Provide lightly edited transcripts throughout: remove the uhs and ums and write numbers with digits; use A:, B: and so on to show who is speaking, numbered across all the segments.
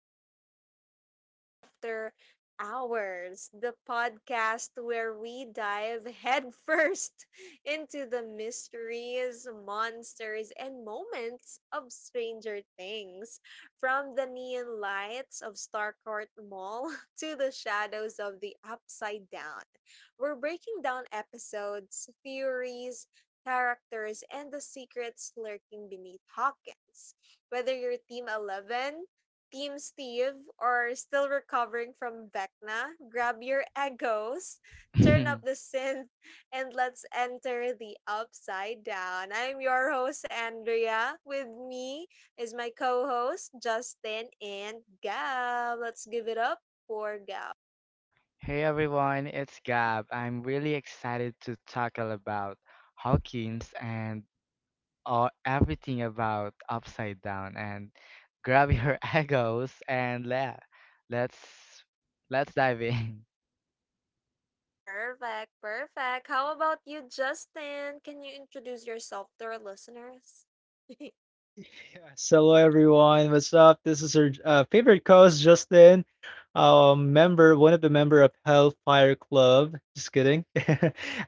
A: to Hawkins After Hours, the podcast where we dive headfirst into the mysteries, monsters, and moments of Stranger Things. From the neon lights of Starcourt Mall to the shadows of the Upside Down, we're breaking down episodes, theories, characters, and the secrets lurking beneath Hawkins. Whether you're Team 11, Team Steve, or still recovering from Vecna, grab your egos, turn up the synth, and let's enter the upside down. I'm your host, Andrea. With me is my co host, Justin and Gab. Let's give it up for Gab.
B: Hey everyone, it's Gab. I'm really excited to tackle about Hawkins and everything about Upside Down. And grab your egos and let's let's dive in.
A: Perfect, perfect. How about you, Justin? Can you introduce yourself to our listeners?
C: Yes, hello everyone. What's up? This is your favorite co-host Justin, one of the member of Hellfire Club. Just kidding.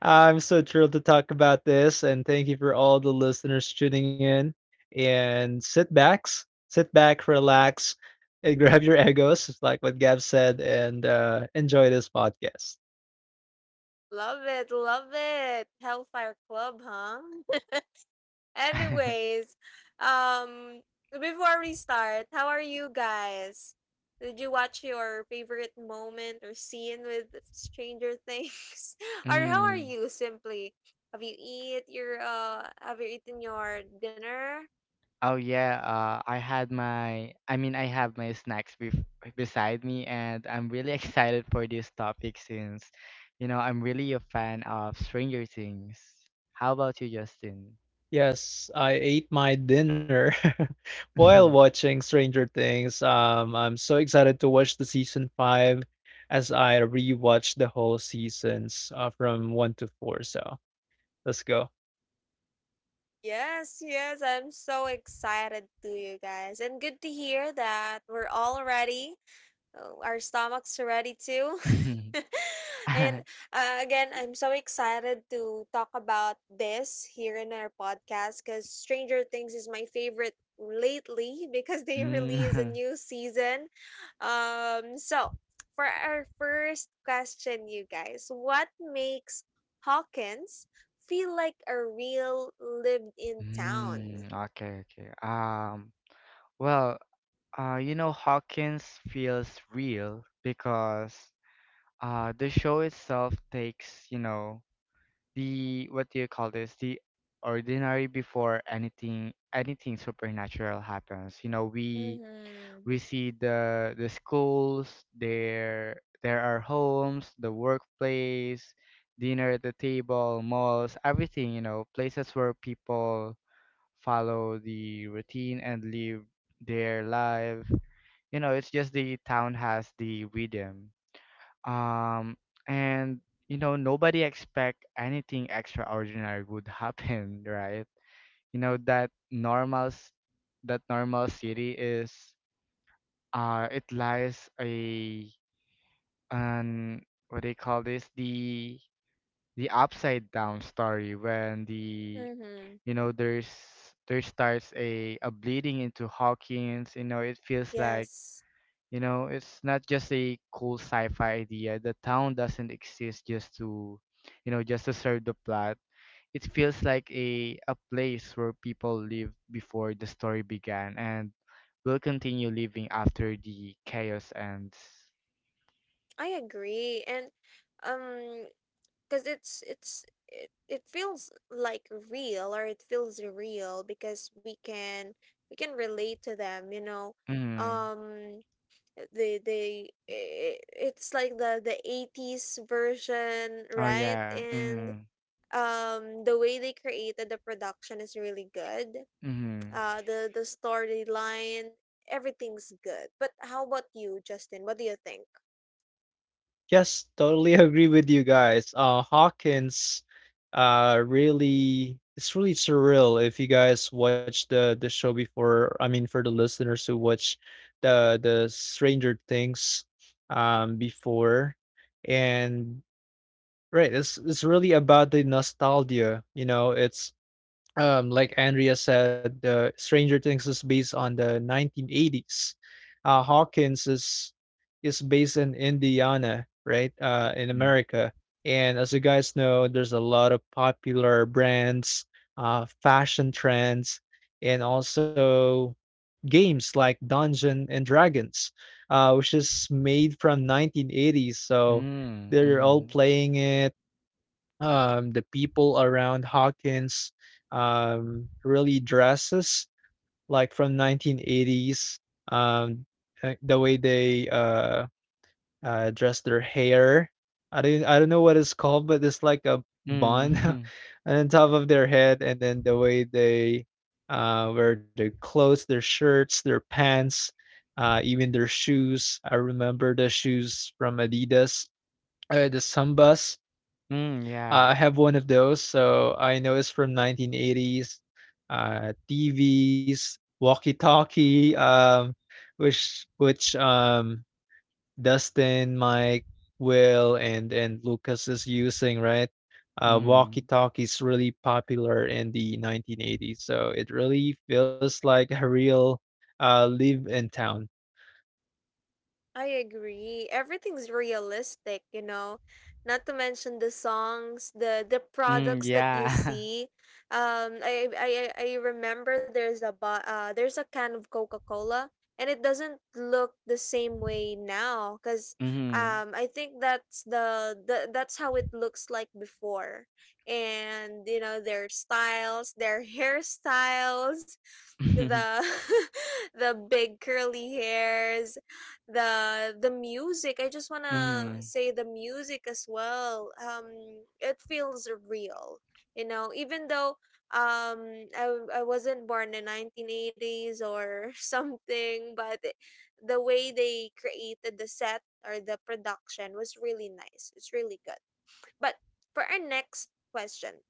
C: I'm so thrilled to talk about this, and thank you for all the listeners tuning in. And sit back, relax, and grab your egos, just like what Gab said, and enjoy this podcast.
A: Love it, love it. Hellfire Club, huh? Anyways, um, before we start, how are you guys? Did you watch your favorite moment or scene with Stranger Things? Or how are
B: Mm.
A: you simply? Have you eat your have you eaten your dinner?
B: Oh yeah, I had I have my snacks bef beside me, and I'm really excited for this topic since, you know, I'm really a fan of Stranger Things. How about you, Justin?
C: Yes, I ate my dinner while
B: Mhm,
C: watching Stranger Things. I'm so excited to watch the season five as I rewatch the whole seasons from one to four. So let's go.
A: Yes, yes, I'm so excited to you guys. And good to hear that we're all ready. Oh, our stomachs ready too.
B: mhm.
A: and Again, I'm so excited to talk about this here in our podcast because Stranger Things is my favorite lately because they release a
B: Mm.
A: new season. So for our first question, you guys, what makes Hawkins feel like a real lived-in town?
B: Mm, okay, okay. Um, well, you know, Hawkins feels real because the show itself takes, you know, the what do you call this? The ordinary before anything supernatural happens. You know, we
A: Mm-hmm.
B: we see the schools. There are homes, the workplace, dinner at the table, malls, everything, you know, places where people follow the routine and live their life. You know, it's just the town has the rhythm, um and you know nobody expect anything extraordinary would happen, right? You know, that normal city is, it lies a an what do you call this the upside down story when
A: Mm-hmm.
B: you know there's there starts a bleeding into Hawkins. You know, it feels like,
A: Yes.
B: you know, it's not just a cool sci-fi idea. The town doesn't exist just to, you know, just to serve the plot. It feels like a place where people lived before the story began and will continue living after the chaos ends.
A: I agree, and um, because it feels like real or it feels real because we can relate to them, you know.
B: Mhm.
A: Um, the the i- it's like the the 80s version,
B: Oh,
A: right?
B: yeah.
A: And
B: Mhm.
A: the way they created the production is really good.
B: Mhm.
A: The storyline, everything's good. But how about you, Justin? What do you think?
C: Yes, totally agree with you guys. Hawkins, it's really surreal if you guys watch the show before. I mean, for the listeners who watch the Stranger Things, before and. Right. It's really about the nostalgia. You know, it's like Andrea said. Stranger Things is based on the 1980s. Hawkins is based in Indiana, right? In
B: Mm.
C: America. And as you guys know, there's a lot of popular brands, fashion trends, and also games like Dungeon and Dragons, which is made from 1980s. So
B: Mm.
C: they're all
B: Mhm.
C: playing it, the people around Hawkins really dresses like from 1980s. Um, the way they dress their hair. I don't know what it's called, but it's like a bun
B: Mm.
C: on top of their head, and then the way they wear their clothes, their shirts, their pants, even their shoes. I remember the shoes from Adidas, the Sambas.
B: Mm,
C: I
B: yeah.
C: have one of those, so I know it's from 1980s. TVs, walkie-talkie, which Dustin, Mike, Will, and Lucas is using, right?
B: Mhm.
C: Walkie-talkie is really popular in the 1980s, so it really feels like a real, live in town.
A: I agree. Everything's realistic, you know. Not to mention the songs, the
B: Mm,
A: products that you
B: yeah.
A: see. Um, I I I remember there's a can of Coca Cola, and it doesn't look the same way now. Cause
B: Mhm.
A: I think that's the that's how it looks like before, and you know their styles, their hairstyles,
B: Mhm.
A: the the big curly hairs the music I just want to say the music as well it feels real, you know, even though I wasn't born in 1980s or something the way they created the set or the production was really nice, it's really good. But for our next question,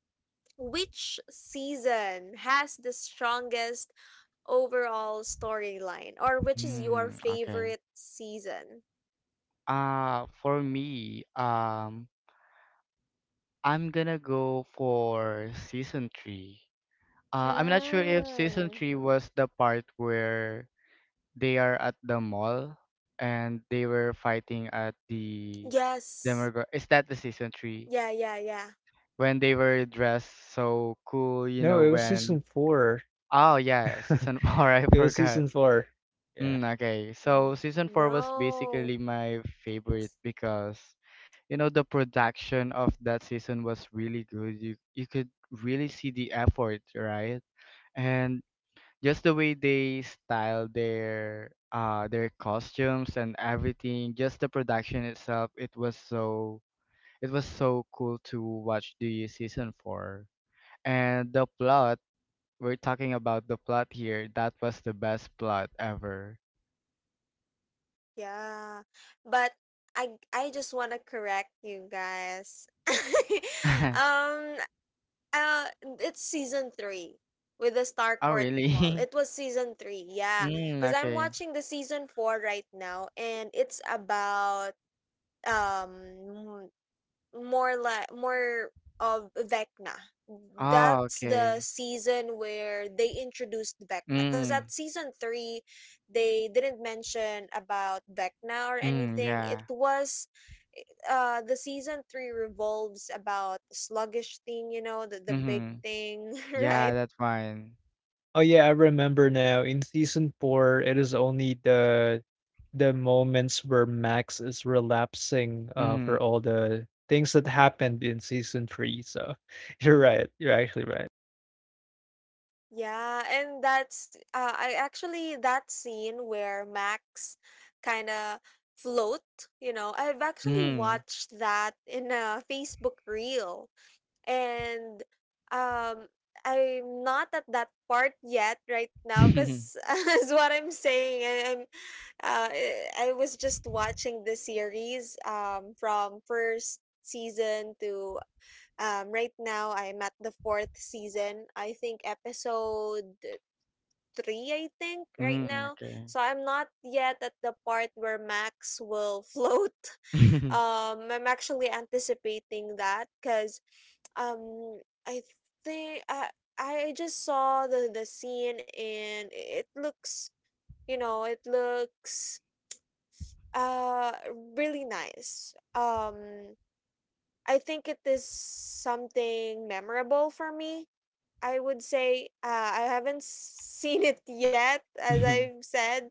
A: which season has the strongest overall storyline, or which is your
B: Mm, okay.
A: favorite season?
B: For me, I'm gonna go for season three. I'm not sure if season
A: Mm.
B: three was the part where they are at the mall and they were fighting at the
A: Yes.
B: Demogorgon. Is that the season three?
A: Yeah, yeah, yeah.
B: When they were dressed so cool, you
C: No,
B: know,
C: it was
B: when
C: season four.
B: oh yeah, season four,
C: It
B: I
C: was season
B: forgot.
C: four. Yeah.
B: Mm, okay.
A: N-
B: So season four was
A: No.
B: basically my favorite because you know the production of that season was really good. You could really see the effort, right? And just the way they style their costumes and everything, just the production itself, it was so cool to watch the season four. And the plot, we're talking about the plot here. That was the best plot ever.
A: Yeah. But I just want to correct you guys. um Uh, it's season three with the
B: Oh,
A: Starcourt Mall. It
B: really?
A: was season three, yeah.
B: Mm,
A: Because I'm
B: okay.
A: watching the season four right now, and it's about um more like more of Vecna.
B: Oh,
A: That's the
B: okay.
A: season where they introduced Vecna. Because at
B: Mm,
A: season three, they didn't mention about Vecna or
B: mm,
A: anything. It
B: yeah.
A: was the season three revolves about sluggish thing, you know, the big
B: Mm-hmm.
A: thing, right?
B: Yeah, that's fine.
C: Oh yeah, I remember now. In season four, it is only the moments where Max is relapsing,
B: Mm,
C: for all the things that happened in season three. So you're right. You're actually right.
A: Yeah, and that's I actually that scene where Max kind of float, you know, I've actually
B: mm.
A: watched that in a Facebook reel, and um, I'm not at that part yet right now because as what I'm saying, I, I'm I was just watching the series from first season to right now I'm at the fourth season. I think episode three, I think, right
B: Mm,
A: now.
B: okay.
A: So I'm not yet at the part where Max will float. I'm actually anticipating that because um, I think I just saw the scene and it looks, you know, it looks uh really nice. I think it is something memorable for me, I would say. I haven't seen it yet, as
B: Mm,
A: I've said.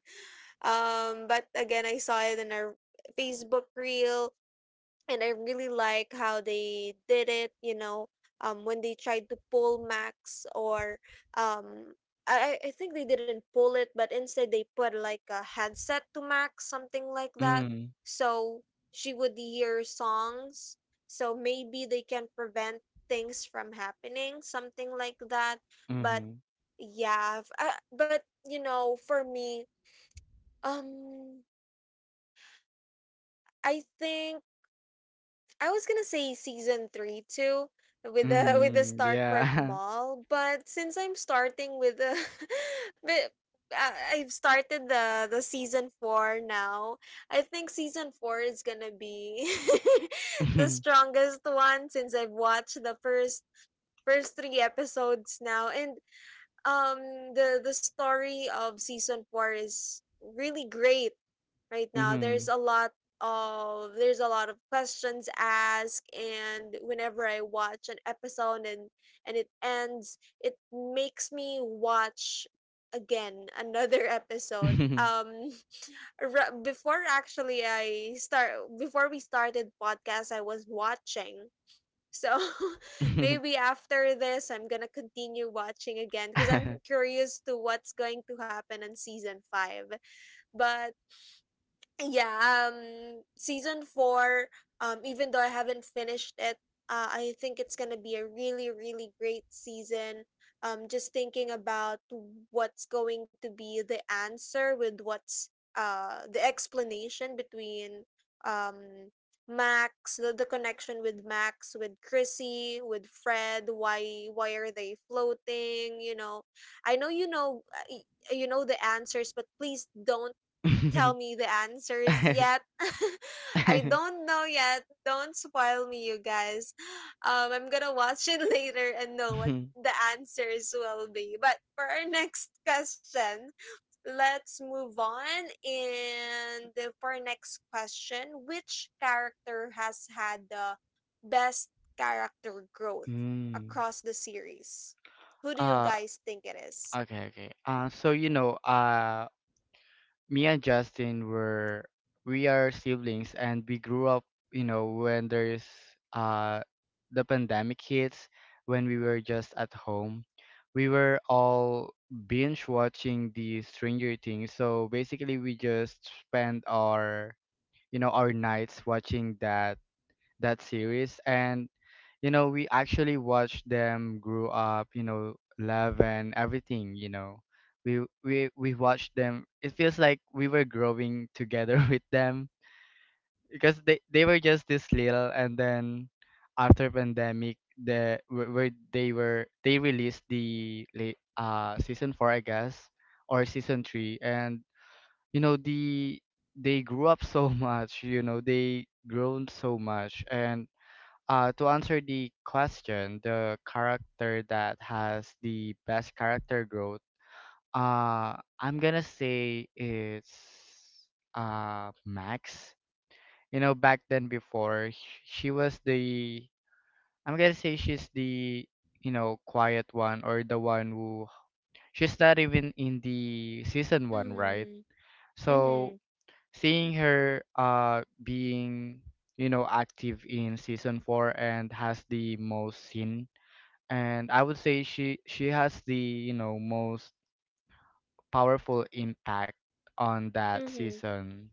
A: But again, I saw it in a Facebook reel, and I really like how they did it. You know, when they tried to pull Max or um, I think they didn't pull it, but instead they put like a headset to Max, something like that,
B: mm,
A: so she would hear songs. So maybe they can prevent things from happening, something like that. But
B: mm-hmm.
A: yeah, but you know, for me, um, I think I was gonna say season three too with the with the
B: Mm,
A: Starcourt
B: yeah.
A: Mall, but since I'm starting with the, but I've started the season four now. I think season four is gonna be the strongest one since I've watched the first first three episodes now, and the story of season four is really great right now.
B: Mm-hmm.
A: There's a lot of there's a lot of questions asked, and whenever I watch an episode and it ends it makes me watch again another episode. Before actually I start before we started podcast I was watching, so maybe after this I'm gonna continue watching again because I'm curious to what's going to happen in season five. But yeah, season four, even though I haven't finished it, I think it's gonna be a really really great season. Just thinking about what's going to be the answer with what's the explanation between um max the connection with max with chrissy with fred. Why are they floating, you know? I know you know. You know the answers but please don't tell me the answers yet. I don't know yet. Don't spoil me, you guys. I'm gonna watch it later and know what the answers will be. But for our next question, let's move on. And for our next question, which character has had the best character growth
B: Mm.
A: across the series? Who do you
B: Uh,
A: guys think it is?
B: Okay. So you know, me and Justin were we are siblings, and we grew up. You know, when there's uh the pandemic hits, when we were just at home, we were all binge watching the Stranger Things. So basically, we just spent our, you know, our nights watching that series. And you know we actually watched them grow up, you know, love and everything, you know, we watched them. It feels like we were growing together with them because they were just this little, and then after pandemic, the where they were they released season 4, I guess, or season 3. And you know they grew up so much, you know, they grown so much. And to answer the question, the character that has the best character growth, I'm gonna say it's Max. You know, back then before she was the, I'm gonna say she's the, you know, quiet one, or the one who, she's not even in the season one, right?
A: Mm-hmm.
B: So seeing her being, you know, active in season four and has the most scene. And I would say she has the, you know, most powerful impact on that
A: Mm-hmm.
B: season.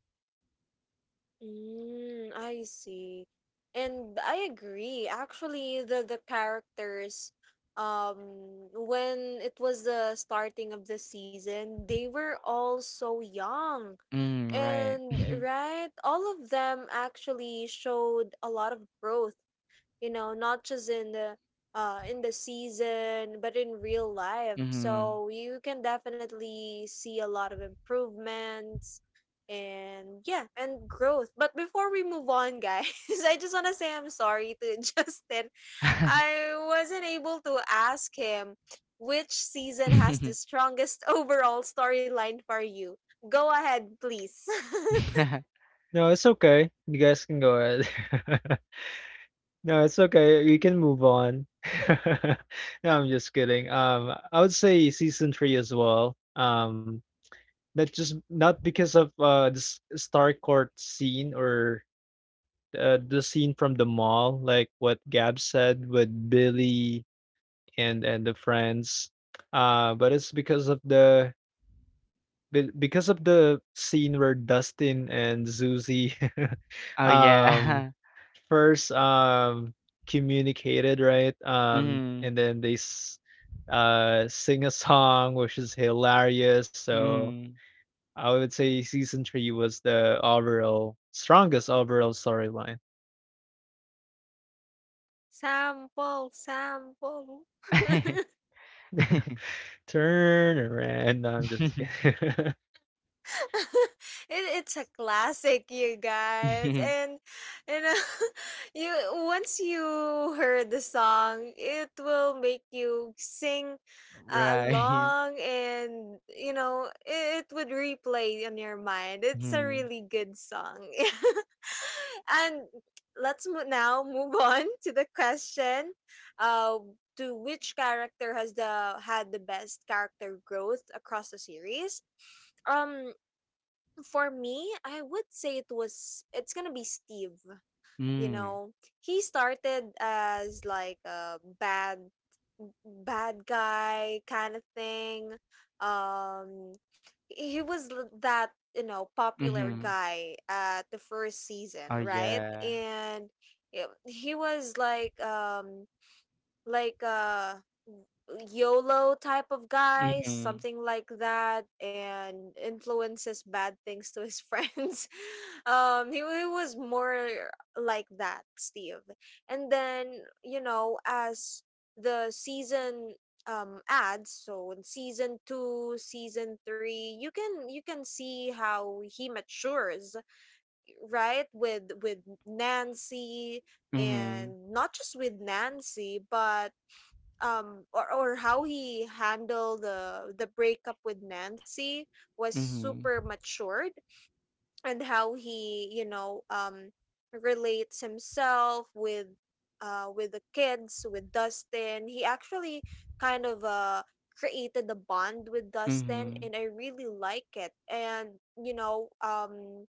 A: Mm, I see. And I agree. Actually, the characters, um, when it was the starting of the season, they were all so young.
B: Mm, right.
A: And right, all of them actually showed a lot of growth, you know, not just in the season but in real life,
B: Mm-hmm.
A: so you can definitely see a lot of improvements and yeah and growth. But before we move on guys, I just want to say I'm sorry to justin. I wasn't able to ask him which season has the strongest overall storyline for you. Go ahead, please.
C: No, it's okay. You guys can go ahead. No, it's okay. We can move on. No, I'm just kidding. I would say season three as well. Not just not because of the Star Court scene or the scene from the mall, like what Gab said with Billy and the friends. But it's because of the scene where Dustin and Zuzi
B: Oh
C: um
B: yeah.
C: first communicated, right?
B: Mm,
C: And then they sing a song which is hilarious. So
B: mm.
C: I would say season three was the overall strongest overall storyline.
A: Sample sample.
C: Turn around. No, I'm just kidding.
A: It, it's a classic, you guys. And you know, you once you heard the song, it will make you sing
B: Right.
A: along, and you know, it would replay on your mind. It's a
B: Mm,
A: really good song. And now move on to the question. Uh, to which character has the had the best character growth across the series? um for me, I would say it's gonna be Steve. You
B: mm,
A: know, he started as like a bad bad guy kind of thing. Um, that you know popular
B: mm.
A: guy at the first season,
B: Oh
A: right?
B: yeah.
A: And he was like like uh YOLO type of guy,
B: Mm,
A: something like that, and influences bad things to his friends. He was more like that, Steve. And then, you know, as the season adds, so in season two, season three, you can see how he matures, right? With Nancy,
B: mm,
A: and not just with Nancy, but or how he handled the breakup with Nancy was
B: mm,
A: super matured, and how he you know relates himself with the kids with Dustin. He actually kind of created a bond with Dustin and
B: mm,
A: I really like it. And you know,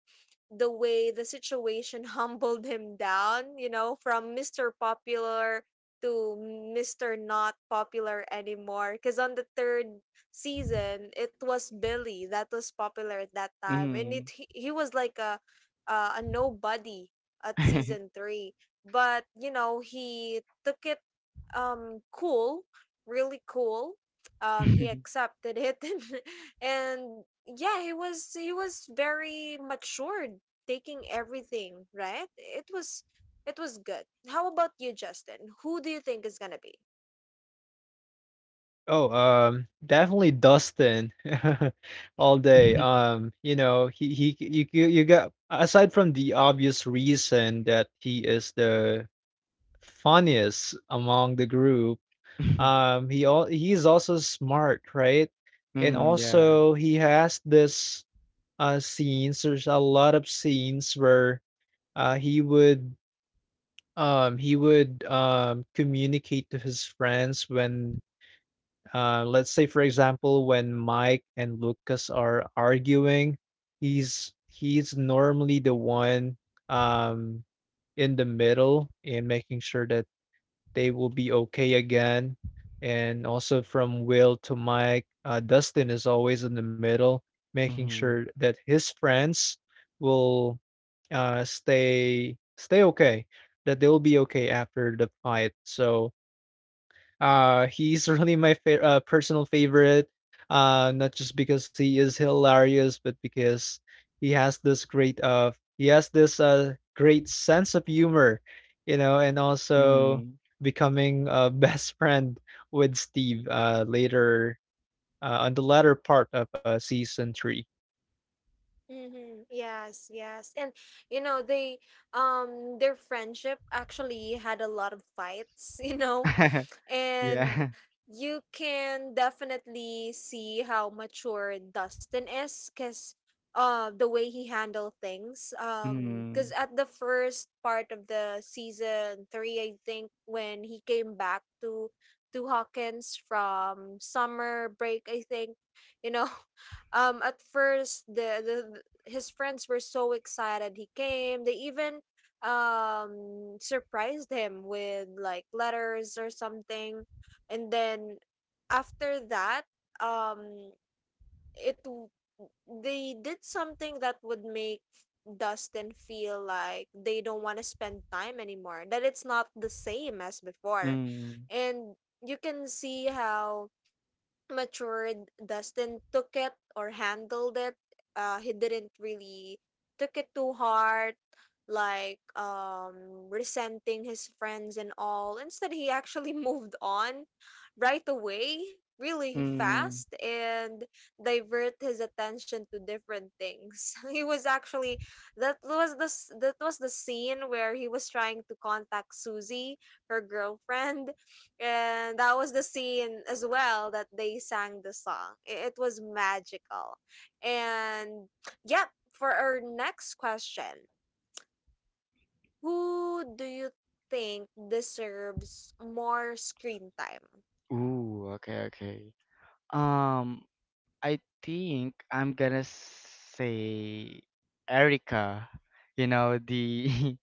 A: the way the situation humbled him down, you know, from Mr. Popular to Mr. Not Popular anymore. Because on the third season, it was Billy that was popular at that time, and
B: mm.
A: it he was like a nobody at
B: Mm,
A: season three. But you know, he took it cool, really cool. He accepted it, and yeah, he was very matured taking everything, right? It was good. How about you, Justin? Who do you think is gonna be?
C: Oh, Definitely Dustin all day. You know, he you you you got aside from the obvious reason that he is the funniest among the group. He's also smart, right? And
B: yeah.
C: also he has this scenes. There's a lot of scenes where he would communicate to his friends. When, let's say for example, when Mike and Lucas are arguing, he's normally the one um in the middle and making sure that they will be okay again. And also from Will to Mike, Dustin is always in the middle making
B: Mhm.
C: sure that his friends will, stay okay, that they'll be okay after the fight. So he's really my personal favorite, not just because he is hilarious, but because he has this great sense of humor, you know, and also
B: Mhm.
C: becoming a best friend with Steve later, on the latter part of season three.
A: Mm-hmm. Yes, yes. And you know, they their friendship actually had a lot of fights, you know. And
B: Yeah.
A: you can definitely see how mature Dustin is because the way he handled things,
B: Mm.
A: because at the first part of the season three, I think, when he came back to Hawkins from summer break, I think, you know, at first his friends were so excited he came. They even surprised him with like letters or something, and then after that um it w- they did something that would make Dustin feel like they don't want to spend time anymore, that it's not the same as before,
B: Mm.
A: and you can see how matured Dustin took it or handled it. He didn't really took it to heart, like resenting his friends and all. Instead, he actually moved on right away, really
B: Mm.
A: fast, and divert his attention to different things. He was actually that was the scene where he was trying to contact Susie, her girlfriend, and that was the scene as well that they sang the song. It was magical. And yep, for our next question, who do you think deserves more screen time?
B: Ooh, okay, okay. Um, I think I'm gonna say Erica. You know, the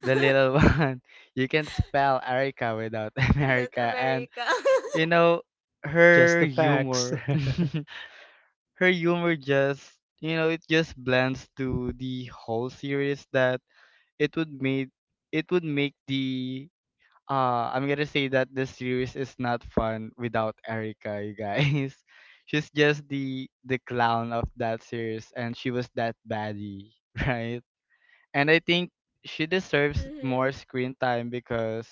B: the little one. You can spell Erica without
A: That
B: America. And
A: America.
B: you know
C: Just the
B: her
C: facts.
B: humor. Her humor just, you know, it just blends to the whole series that it would made it would make the, I'm gonna say that the series is not fun without Erica, you guys. She's just the clown of that series, and she was that baddie, right? And I think she deserves more
A: Mm-hmm.
B: screen time because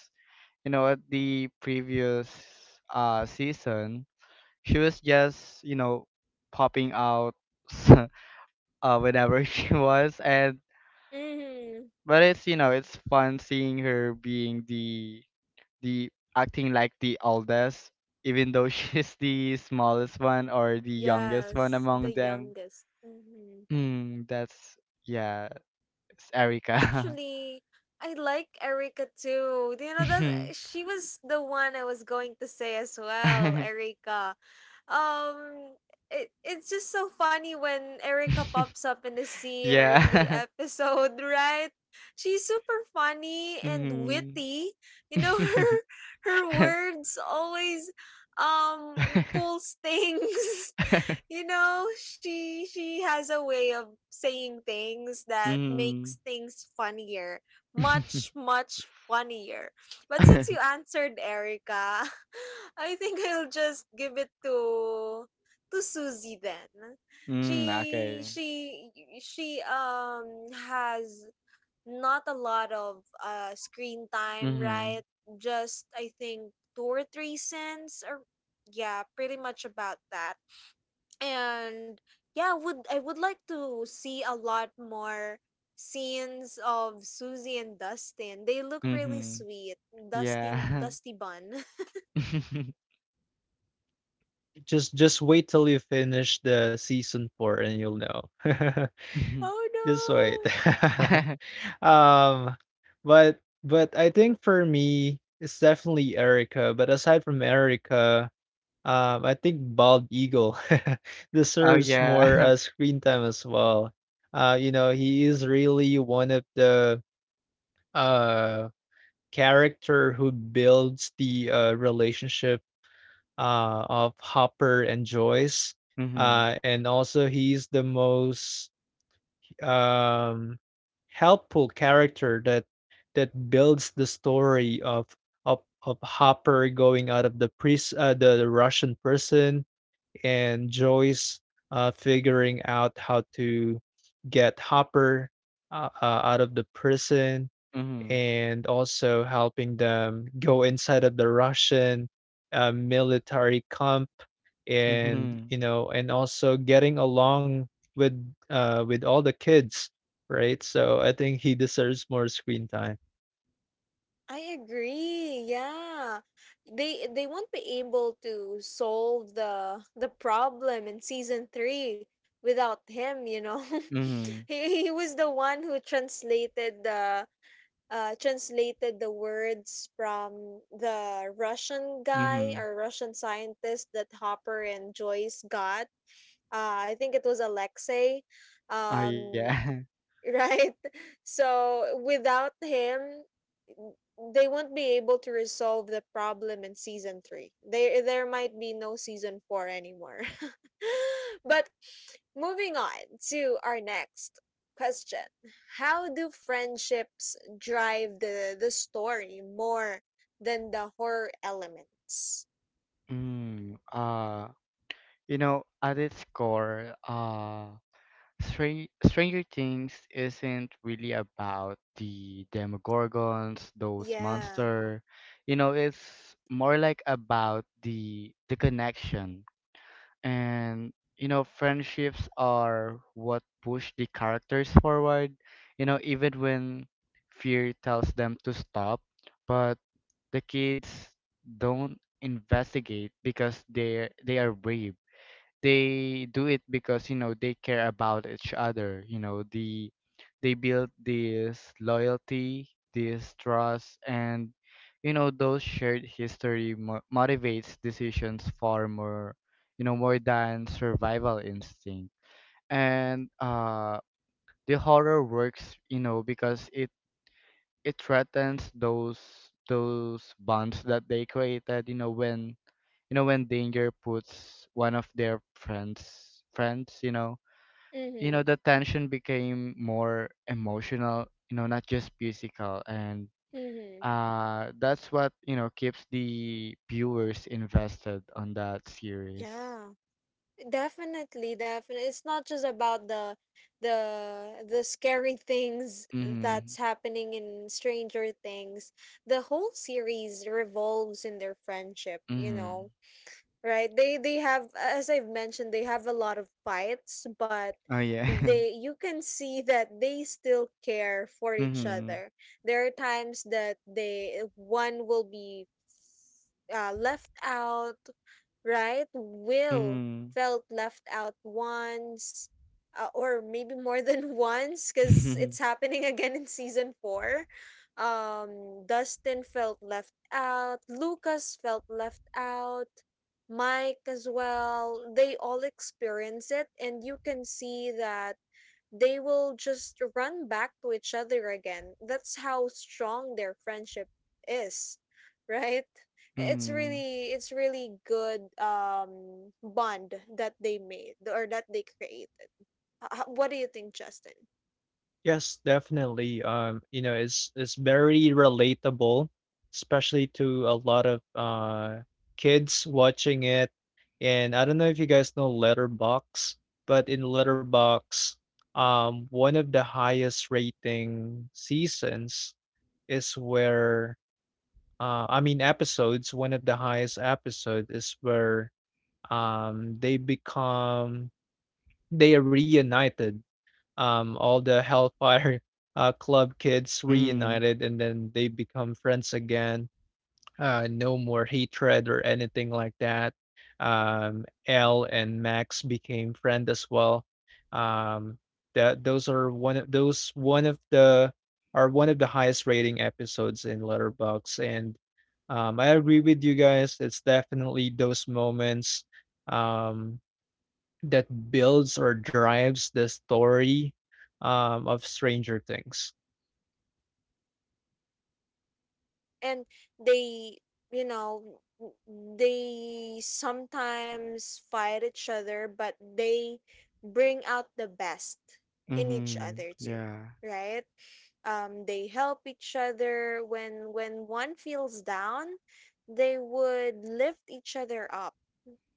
B: you know at the previous season she was just, you know, popping out whenever she was. And
A: Mm-hmm.
B: but it's you know it's fun seeing her being the, acting like the eldest, even though she's the smallest one or the youngest one
A: Yes, the
B: among them.
A: youngest. Mm-hmm.
B: Hmm, that's yeah, it's Erica.
A: Actually, I like Erika too. Do you know that
B: Mhm.
A: she was the one I was going to say as well, Erika. Um it's just so funny when Erika pops up in the scene or in the
B: Yeah.
A: episode, right? She's super funny and
B: Mhm.
A: witty. You know, her her words always pulls things. You know, she has a way of saying things that
B: Mhm.
A: makes things funnier, much funnier. But since you answered Erica, I think I'll just give it to Susie then.
B: Mm,
A: She
B: okay.
A: she she has not a lot of screen time, right?
B: Mhm.
A: Just I think 2 or 3 cents, or yeah, pretty much about that. And yeah, would like to see a lot more scenes of Susie and Dustin. They look really
B: Mhm.
A: sweet. Dustin,
B: Yeah.
A: dusty bun.
C: Just wait till you finish the season four and you'll know.
A: Oh
C: Just wait.
A: no.
C: Um, but I think for me, it's definitely Erica. But aside from Erica, I think Bald Eagle
B: Oh
C: deserves
B: yeah.
C: more, screen time as well. You know, he is really one of the uh character who builds the, relationship of Hopper and Joyce.
B: Mm-hmm.
C: And also he's the most um helpful character that builds the story of Hopper going out of the Russian prison, and Joyce, figuring out how to get Hopper, out of the prison,
B: Mm-hmm.
C: and also helping them go inside of the Russian, military camp, and
B: Mm-hmm.
C: you know, and also getting along with with all the kids, right? So I think he deserves more screen time.
A: I agree, yeah. They won't be able to solve the problem in season three without him, you know.
B: Mm-hmm.
A: He was the one who translated the words from the Russian guy
B: Mm-hmm.
A: or Russian scientist that Hopper and Joyce got. I think it was Alexei.
B: Oh
A: Um,
B: yeah.
A: right? So without him, they won't be able to resolve the problem in season three. There might be no season four anymore. But moving on to our next question: how do friendships drive the story more than the horror elements?
B: Mm, uh, you know, at its core, Stranger Things isn't really about the Demogorgons, those
A: Yeah.
B: monster. You know, it's more like about the connection. And you know friendships are what push the characters forward, you know, even when fear tells them to stop. But the kids don't investigate because they are brave. They do it because, you know, they care about each other. You know, the they build this loyalty, this trust, and you know those shared history motivates decisions far more, you know, more than survival instinct. And the horror works, you know, because it threatens those bonds that they created. You know, when, you know, when danger puts one of their friends, you know, you know
A: Mhm.
B: the tension became more emotional, you know, not just physical. And
A: Mhm.
B: that's what, you know, keeps the viewers invested on that series.
A: Yeah. Definitely, definitely. It's not just about the scary things
B: Mm-hmm.
A: that's happening in Stranger Things. The whole series revolves in their friendship, you know,
B: Mm-hmm.
A: right? They have, as I've mentioned, they have a lot of fights, but
B: Oh yeah.
A: they, you can see that they still care for each
B: Mm-hmm.
A: other. There are times that they, one will be left out, right, will
B: Mm-hmm.
A: felt left out once, or maybe more than once, because it's happening again in season four. Dustin felt left out, Lucas felt left out, Mike as well. They all experience it, and you can see that they will just run back to each other again. That's how strong their friendship is, right? It's
B: Mm-hmm.
A: really, it's really good bond that they made or that they created. What do you think, Justin?
C: Yes, definitely. You know, it's very relatable, especially to a lot of kids watching it. And I don't know if you guys know Letterbox, but in Letterbox, one of the highest rating seasons is where, I mean episodes, one of the highest episode is where um they become they are reunited, all the Hellfire Club kids
B: Mm-hmm. Mm-hmm.
C: reunited and then they become friends again. No more hatred or anything like that. L and Max became friend as well. Um, that Those are one of those one of the are one of the highest rating episodes in Letterbox, and I agree with you guys. It's definitely those moments um, that builds or drives the story of Stranger Things.
A: And they, you know, they sometimes fight each other, but they bring out the best in each
B: Mm-hmm.
A: other too,
B: Yeah.
A: right? They help each other when one feels down, they would lift each other up.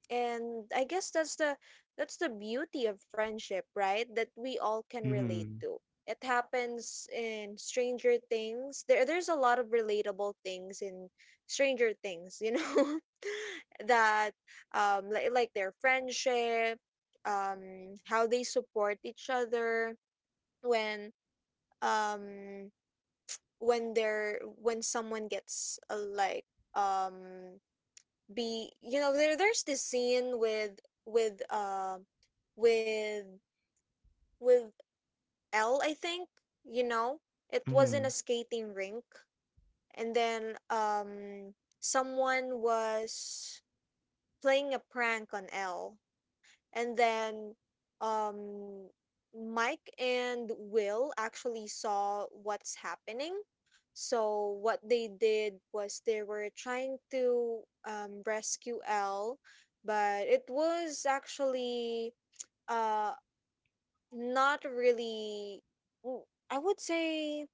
A: And I guess that's the beauty of friendship, right, that we all can relate
B: Mm-hmm.
A: to. It happens in Stranger Things. There's a lot of relatable things in Stranger Things, you know. that Like their friendship, how they support each other when, um when they're, when someone gets, like um be you know, there's this scene with, with uh with with L, I think, you know, it was in
B: Mm-hmm.
A: a skating rink. And then, someone was playing a prank on L, and then, um Mike and Will actually saw what's happening. So what they did was they were trying to rescue Elle, but it was actually, uh not really, w- I would say,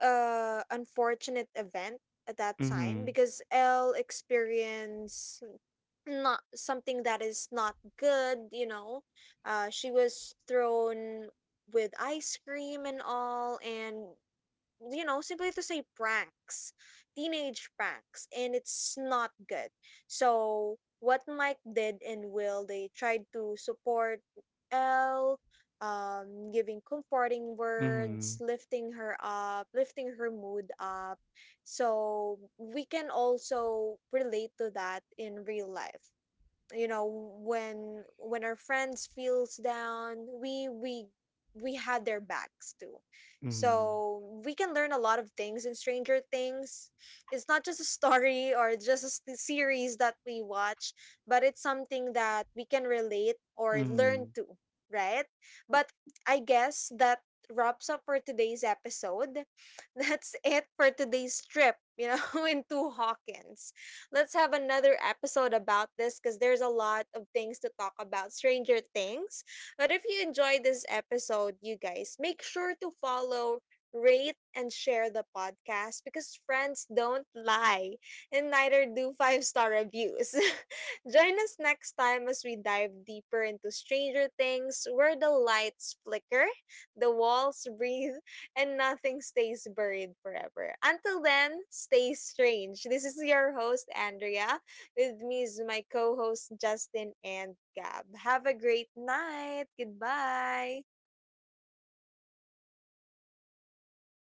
A: unfortunate event at that time,
B: Mm-hmm.
A: because Elle experienced not something that is not good, you know. She was thrown with ice cream and all. And you know, simply to say, pranks, teenage pranks, and it's not good. So what Mike did and Will, they tried to support Elle, giving comforting words,
B: Mm-hmm.
A: lifting her up, lifting her mood up. So we can also relate to that in real life, you know. When our friends feels down, we had their backs too.
B: Mm-hmm.
A: So we can learn a lot of things in Stranger Things. It's not just a story or just a series that we watch, but it's something that we can relate or learn
B: Mm-hmm.
A: to, right? But I guess that wraps up for today's episode. That's it for today's trip, you know, into Hawkins. Let's have another episode about this, because there's a lot of things to talk about Stranger Things. But if you enjoyed this episode, you guys, make sure to follow, rate, and share the podcast, because friends don't lie, and neither do 5 star reviews. Join us next time as we dive deeper into Stranger Things, where the lights flicker, the walls breathe, and nothing stays buried forever. Until then, stay strange. This is your host, Andrea. With me is my co host, Justin and Gab. Have a great night. Goodbye.